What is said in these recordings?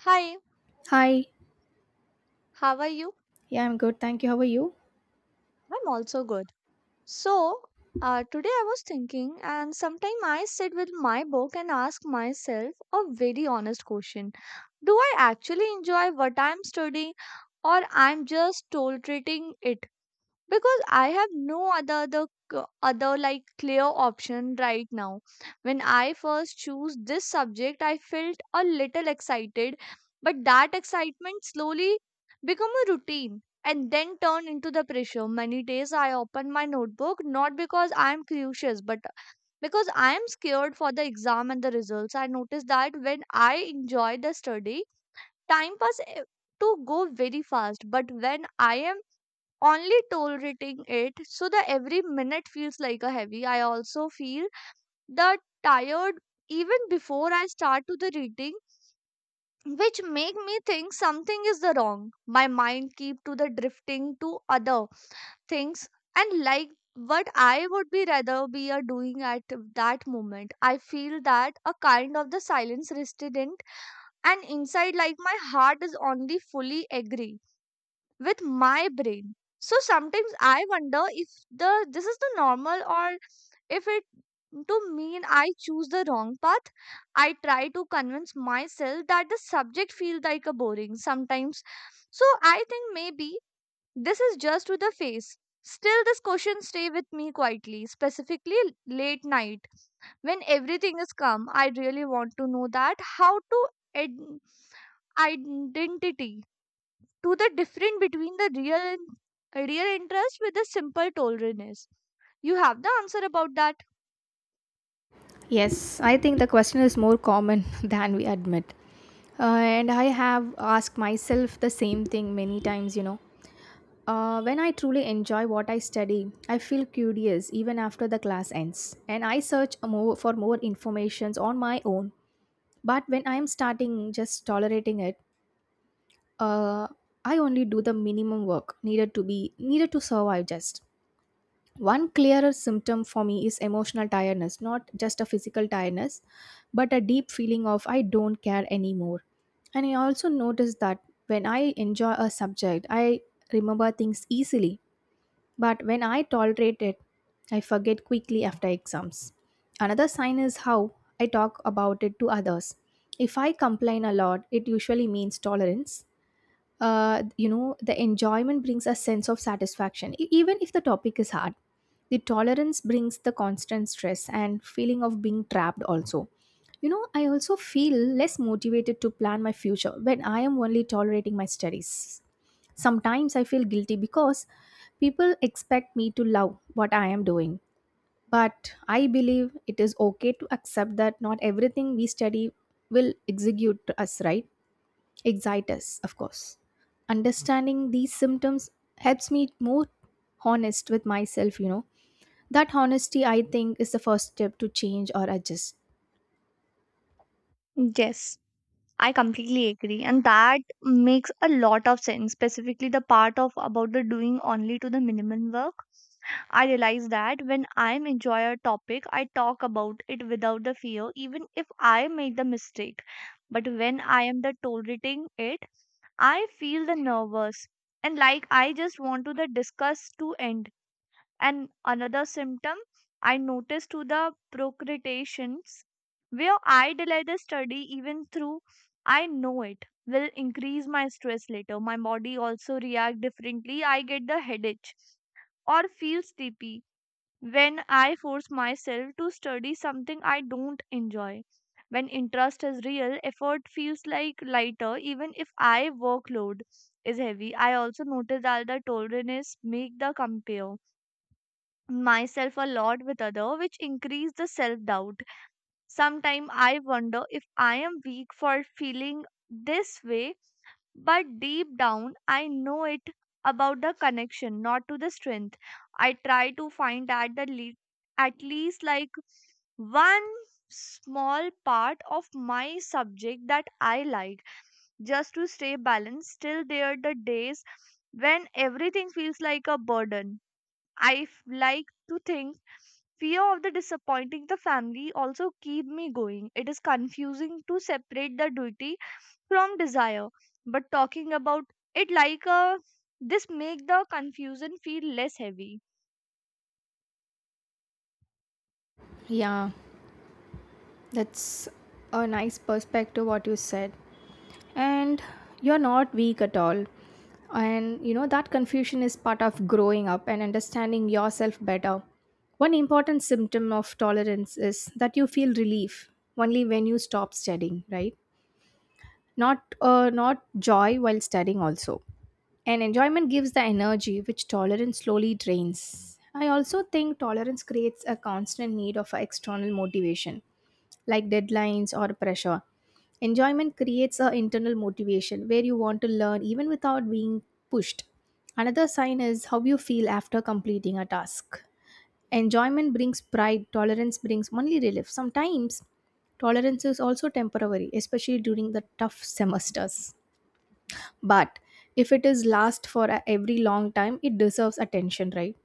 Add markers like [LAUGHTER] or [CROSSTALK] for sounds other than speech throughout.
Hi, Hi. how are you? Yeah, I'm good. Thank you. How are you? I'm also good. So, Today I was thinking, and sometime I sit with my book and ask myself a very honest question. Do I actually enjoy what I'm studying, or I'm just tolerating it? Because I have no c- other, like, clear option right now. When I first chose this subject I felt a little excited, but that excitement slowly become a routine and then turned into the pressure. Many days I open my notebook not because I am curious but because I am scared for the exam and the results. I noticed that when I enjoy the study time pass to go very fast, but when I am only tolerating it so that every minute feels like a heavy. I also feel the tired even before I start to the reading, which make me think something is the wrong. My mind keep to the drifting to other things, and like what I would be rather be a doing at that moment. I feel that a kind of the silence resident and inside like my heart is only fully agree with my brain. So sometimes I wonder if the this is the normal or if it to mean I choose the wrong path. I try to convince myself that the subject feels like a boring sometimes, so I think maybe this is just to the face. Still this question stay with me quietly, specifically late night when everything is calm. I really want to know that how to id- identity to the difference between the real and real interest with the simple tolerance. You have the answer about that. Yes, I think the question is more common [LAUGHS] than we admit. And I have asked myself the same thing many times, you know. When I truly enjoy what I study, I feel curious even after the class ends, and I search a more, for more informations on my own. But when I am starting just tolerating it, uh, I only do the minimum work needed to be needed to survive just. One clearer symptom for me is emotional tiredness, not just a physical tiredness, but a deep feeling of I don't care anymore. And I also notice that when I enjoy a subject, I remember things easily, but when I tolerate it, I forget quickly after exams. Another sign is how I talk about it to others. If I complain a lot, it usually means tolerance you know the enjoyment brings a sense of satisfaction even if the topic is hard, the tolerance brings the constant stress and feeling of being trapped also. You know, I also feel less motivated to plan my future when I am only tolerating my studies. Sometimes I feel guilty because people expect me to love what I am doing, but I believe it is okay to accept that not everything we study will execute us right. Excitus, of course. Understanding these symptoms helps me more honest with myself, you know. That honesty, I think, is the first step to change or adjust. Yes, I completely agree, and that makes a lot of sense. Specifically, the part of about the doing only to the minimum work. I realize that when I enjoy a topic, I talk about it without the fear, even if I make the mistake. But when I am the tolerating it, I feel the nervous and like I just want to the discuss to end. And another symptom I noticed to the procrastinations where I delay the study even through I know it will increase my stress later. My body also react differently. I get the headache or feel sleepy when I force myself to study something I don't enjoy. When interest is real, effort feels like lighter even if I workload is heavy. I also notice that the tolerance make the compare myself a lot with other, which increase the self doubt. Sometimes I wonder if I am weak for feeling this way, but deep down I know it about the connection not to the strength. I try to find at least, like, one small part of my subject that I like just to stay balanced. Still there are the days when everything feels like a burden. I f- like To think, fear of the disappointing the family also keep me going. It is confusing to separate the duty from desire, but talking about it like a this make the confusion feel less heavy. Yeah, that's a nice perspective, what you said. And you're not weak at all. And you know, that confusion is part of growing up and understanding yourself better. One important symptom of tolerance is that you feel relief only when you stop studying, right? Not not joy while studying also, and enjoyment gives the energy which tolerance slowly drains. I also think tolerance creates a constant need of external motivation, like deadlines or pressure. Enjoyment creates a internal motivation where you want to learn even without being pushed. Another sign is how you feel after completing a task. Enjoyment brings pride, tolerance brings only relief. Sometimes tolerance is also temporary, especially during the tough semesters. But if it is last for every long time, it deserves attention, right?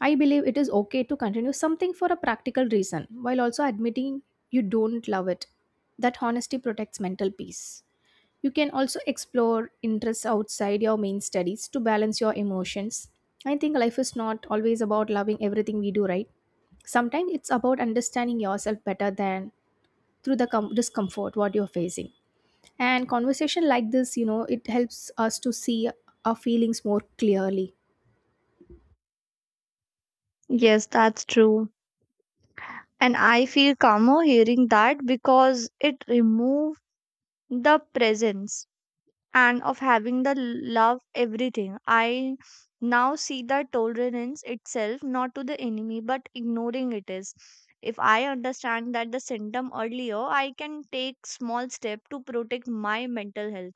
I believe it is okay to continue something for a practical reason while also admitting you don't love it. That honesty protects mental peace. You can also explore interests outside your main studies to balance your emotions. I think life is not always about loving everything we do, right? Sometimes it's about understanding yourself better than through the discomfort what you're facing. And conversation like this, you know, it helps us to see our feelings more clearly. Yes, that's true. And I feel calmer hearing that because it removes the presence and of having the love everything. I now see that tolerance itself not to the enemy, but ignoring it is. If I understand that the symptom earlier I can take small step to protect my mental health.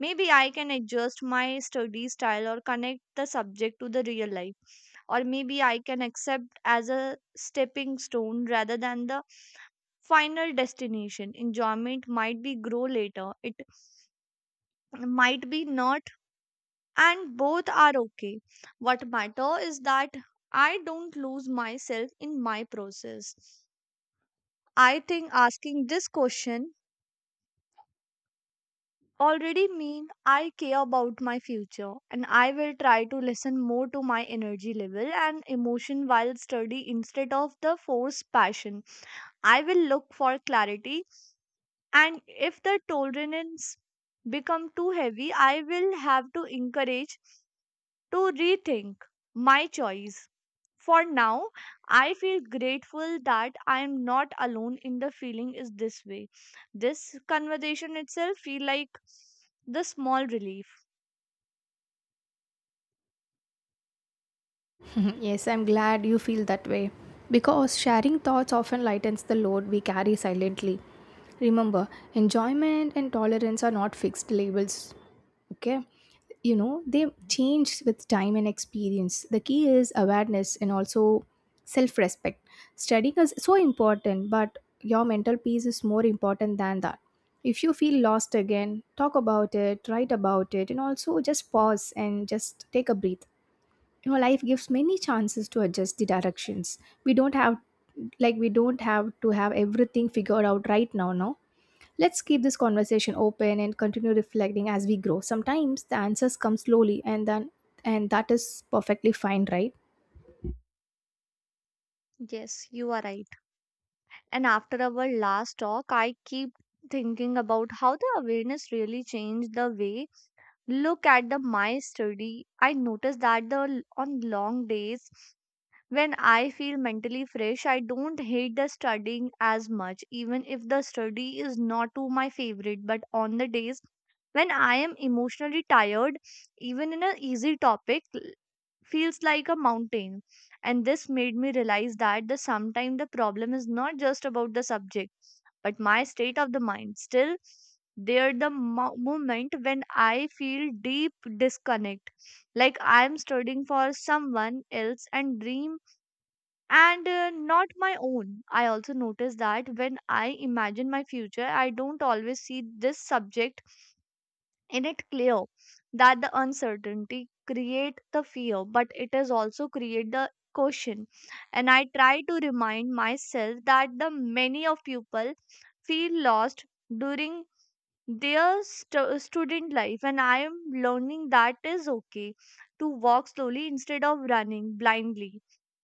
Maybe I can adjust my study style or connect the subject to the real life, or maybe I can accept as a stepping stone rather than the final destination. Enjoyment might be grow later, it might be not, and both are okay. What matter is that I don't lose myself in my process. I think asking this question already mean I care about my future, and I will try to listen more to my energy level and emotion while study instead of the forced passion. I will look for clarity, and if the tolerance become too heavy I will have to encourage to rethink my choice. For now, I feel grateful that I am not alone in the feeling is this way. This conversation itself feel like the small relief. [LAUGHS] Yes, I'm glad you feel that way. Because sharing thoughts often lightens the load we carry silently. Remember, enjoyment and tolerance are not fixed labels. Okay? You know, they change with time and experience. The key is awareness and also self respect. Studying is so important, but your mental peace is more important than that. If you feel lost again, talk about it, write about it, and also just pause and just take a breath. You know, life gives many chances to adjust the directions. we don't have we don't have to have everything figured out right now. No, let's keep this conversation open and continue reflecting as we grow. Sometimes the answers come slowly, and that is perfectly fine, right? Yes, you are right. And after our last talk, I keep thinking about how the awareness really changed the way look at the my study. I noticed that the on long days when I feel mentally fresh, I don't hate the studying as much, even if the study is not to my favorite. But on the days when I am emotionally tired, even in an easy topic feels like a mountain. And this made me realize that the sometimes the problem is not just about the subject, but my state of the mind. Still, there the moment when I feel deep disconnect, like I am studying for someone else and dream and not my own. I also notice that when I imagine my future, I don't always see this subject in it clear. That the uncertainty create the fear, but it is also create the caution. And I try to remind myself that the many of people feel lost during their student life, and I am learning that is okay to walk slowly instead of running blindly.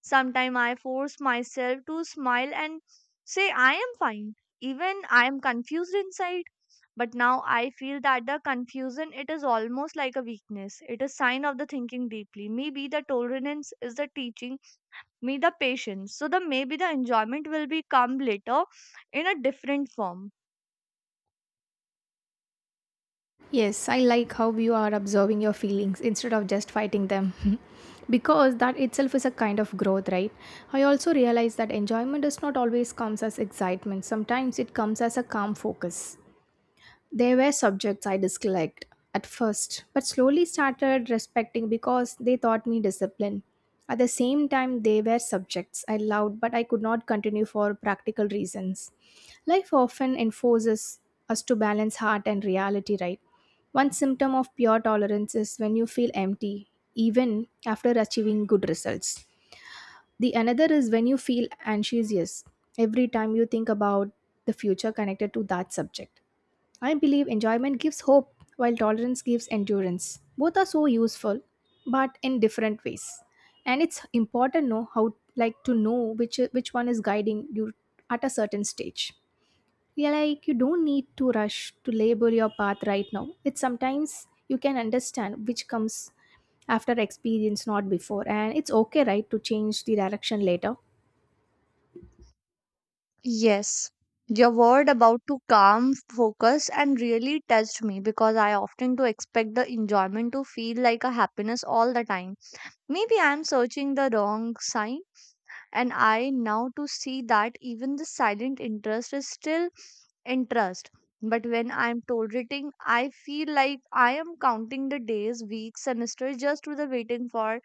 Sometimes I force myself to smile and say I am fine, even I am confused inside. But now I feel that the confusion it is almost like a weakness. It is sign of the thinking deeply. Maybe the tolerance is the teaching me the patience. So the maybe the enjoyment will become later in a different form. Yes, I like how you are observing your feelings instead of just fighting them. [LAUGHS] Because that itself is a kind of growth, right? I also realize that enjoyment does not always comes as excitement. Sometimes it comes as a calm focus. They were subjects I disliked at first, but slowly started respecting because they taught me discipline. At the same time, they were subjects I loved, but I could not continue for practical reasons. Life often enforces us to balance heart and reality, right? One symptom of pure tolerance is when you feel empty, even after achieving good results. The another is when you feel anxious every time you think about the future connected to that subject. I believe enjoyment gives hope while tolerance gives endurance. Both are so useful but in different ways. And it's important know how like to know which one is guiding you at a certain stage. Yeah, like you don't need to rush to label your path right now. It's sometimes you can understand which comes after experience not before, and it's okay, right, to change the direction later. Yes. Your word about to calm, focus, and really touched me because I often do expect the enjoyment to feel like a happiness all the time. Maybe I'm searching the wrong sign, and I now to see that even the silent interest is still interest. But when I'm tolerating, I feel like I am counting the days, weeks, semesters just to the waiting for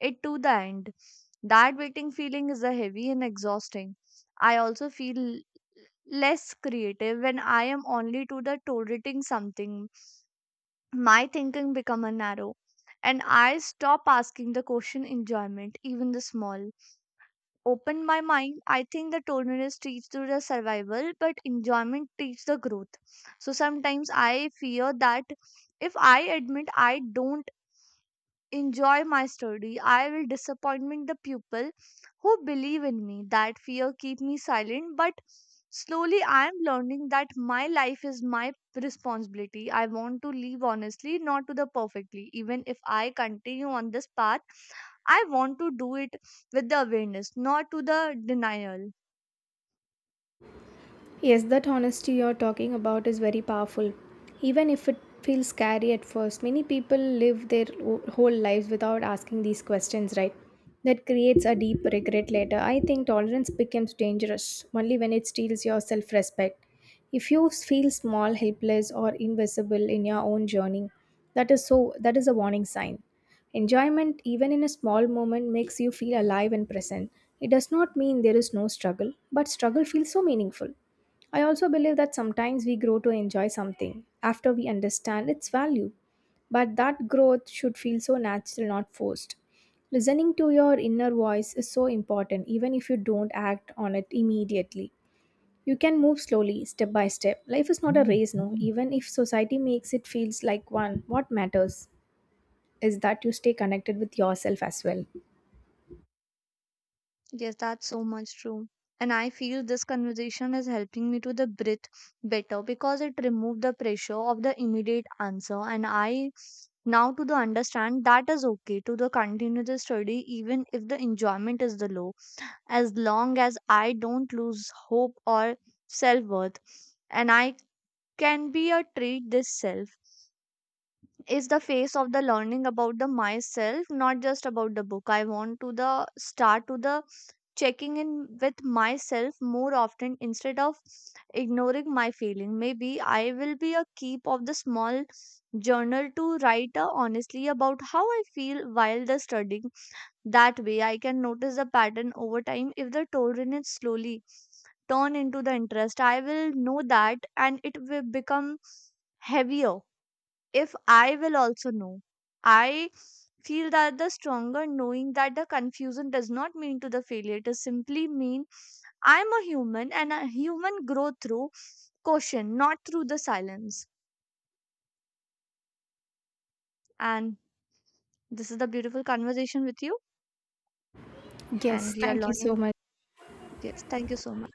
it to the end. That waiting feeling is a heavy and exhausting. I also feel less creative when I am only to the tolerating something. My thinking become a narrow, and I stop asking the question enjoyment, even the small opened my mind. I think the tolerance teaches to the survival, but enjoyment teaches the growth. So sometimes I fear that if I admit I don't enjoy my study I will disappointment the people who believe in me. That fear keep me silent, but slowly I am learning that my life is my responsibility. I want to live honestly, not to the perfectly. Even if I continue on this path I want to do it with the awareness, not to the denial. Yes, that honesty you're talking about is very powerful. Even if it feels scary at first, many people live their whole lives without asking these questions, right? That creates a deep regret later. I think tolerance becomes dangerous only when it steals your self respect. If you feel small, helpless, or invisible in your own journey, that is a warning sign. Enjoyment, even in a small moment, makes you feel alive and present. It does not mean there is no struggle, but struggle feels so meaningful. I also believe that sometimes we grow to enjoy something after we understand its value, but that growth should feel so natural, not forced. Listening to your inner voice is so important, even if you don't act on it immediately. You can move slowly, step by step. Life is not a race, no. Even if society makes it feels like one, what matters is that you stay connected with yourself as well. Yes, that's so much true. And I feel this conversation is helping me to the breathe better because it removed the pressure of the immediate answer, and I now to the understand that is okay to the continue the study even if the enjoyment is the low, as long as I don't lose hope or self-worth. And I can be a treat this self is the phase of the learning about the myself, not just about the book. I want to the start to the checking in with myself more often instead of ignoring my feeling. Maybe I will be a keep of the small journal to write honestly about how I feel while the studying. That way I can notice the pattern over time. If the tolerance slowly turn into the interest I will know, that and it will become heavier if I will also know. I feel that the stronger knowing that the confusion does not mean to the failure, it is simply mean I am a human, and a human grow through caution, not through the silence. And this is the beautiful conversation with you, and Yes, we are thank you so learning. much. Yes, thank you so much.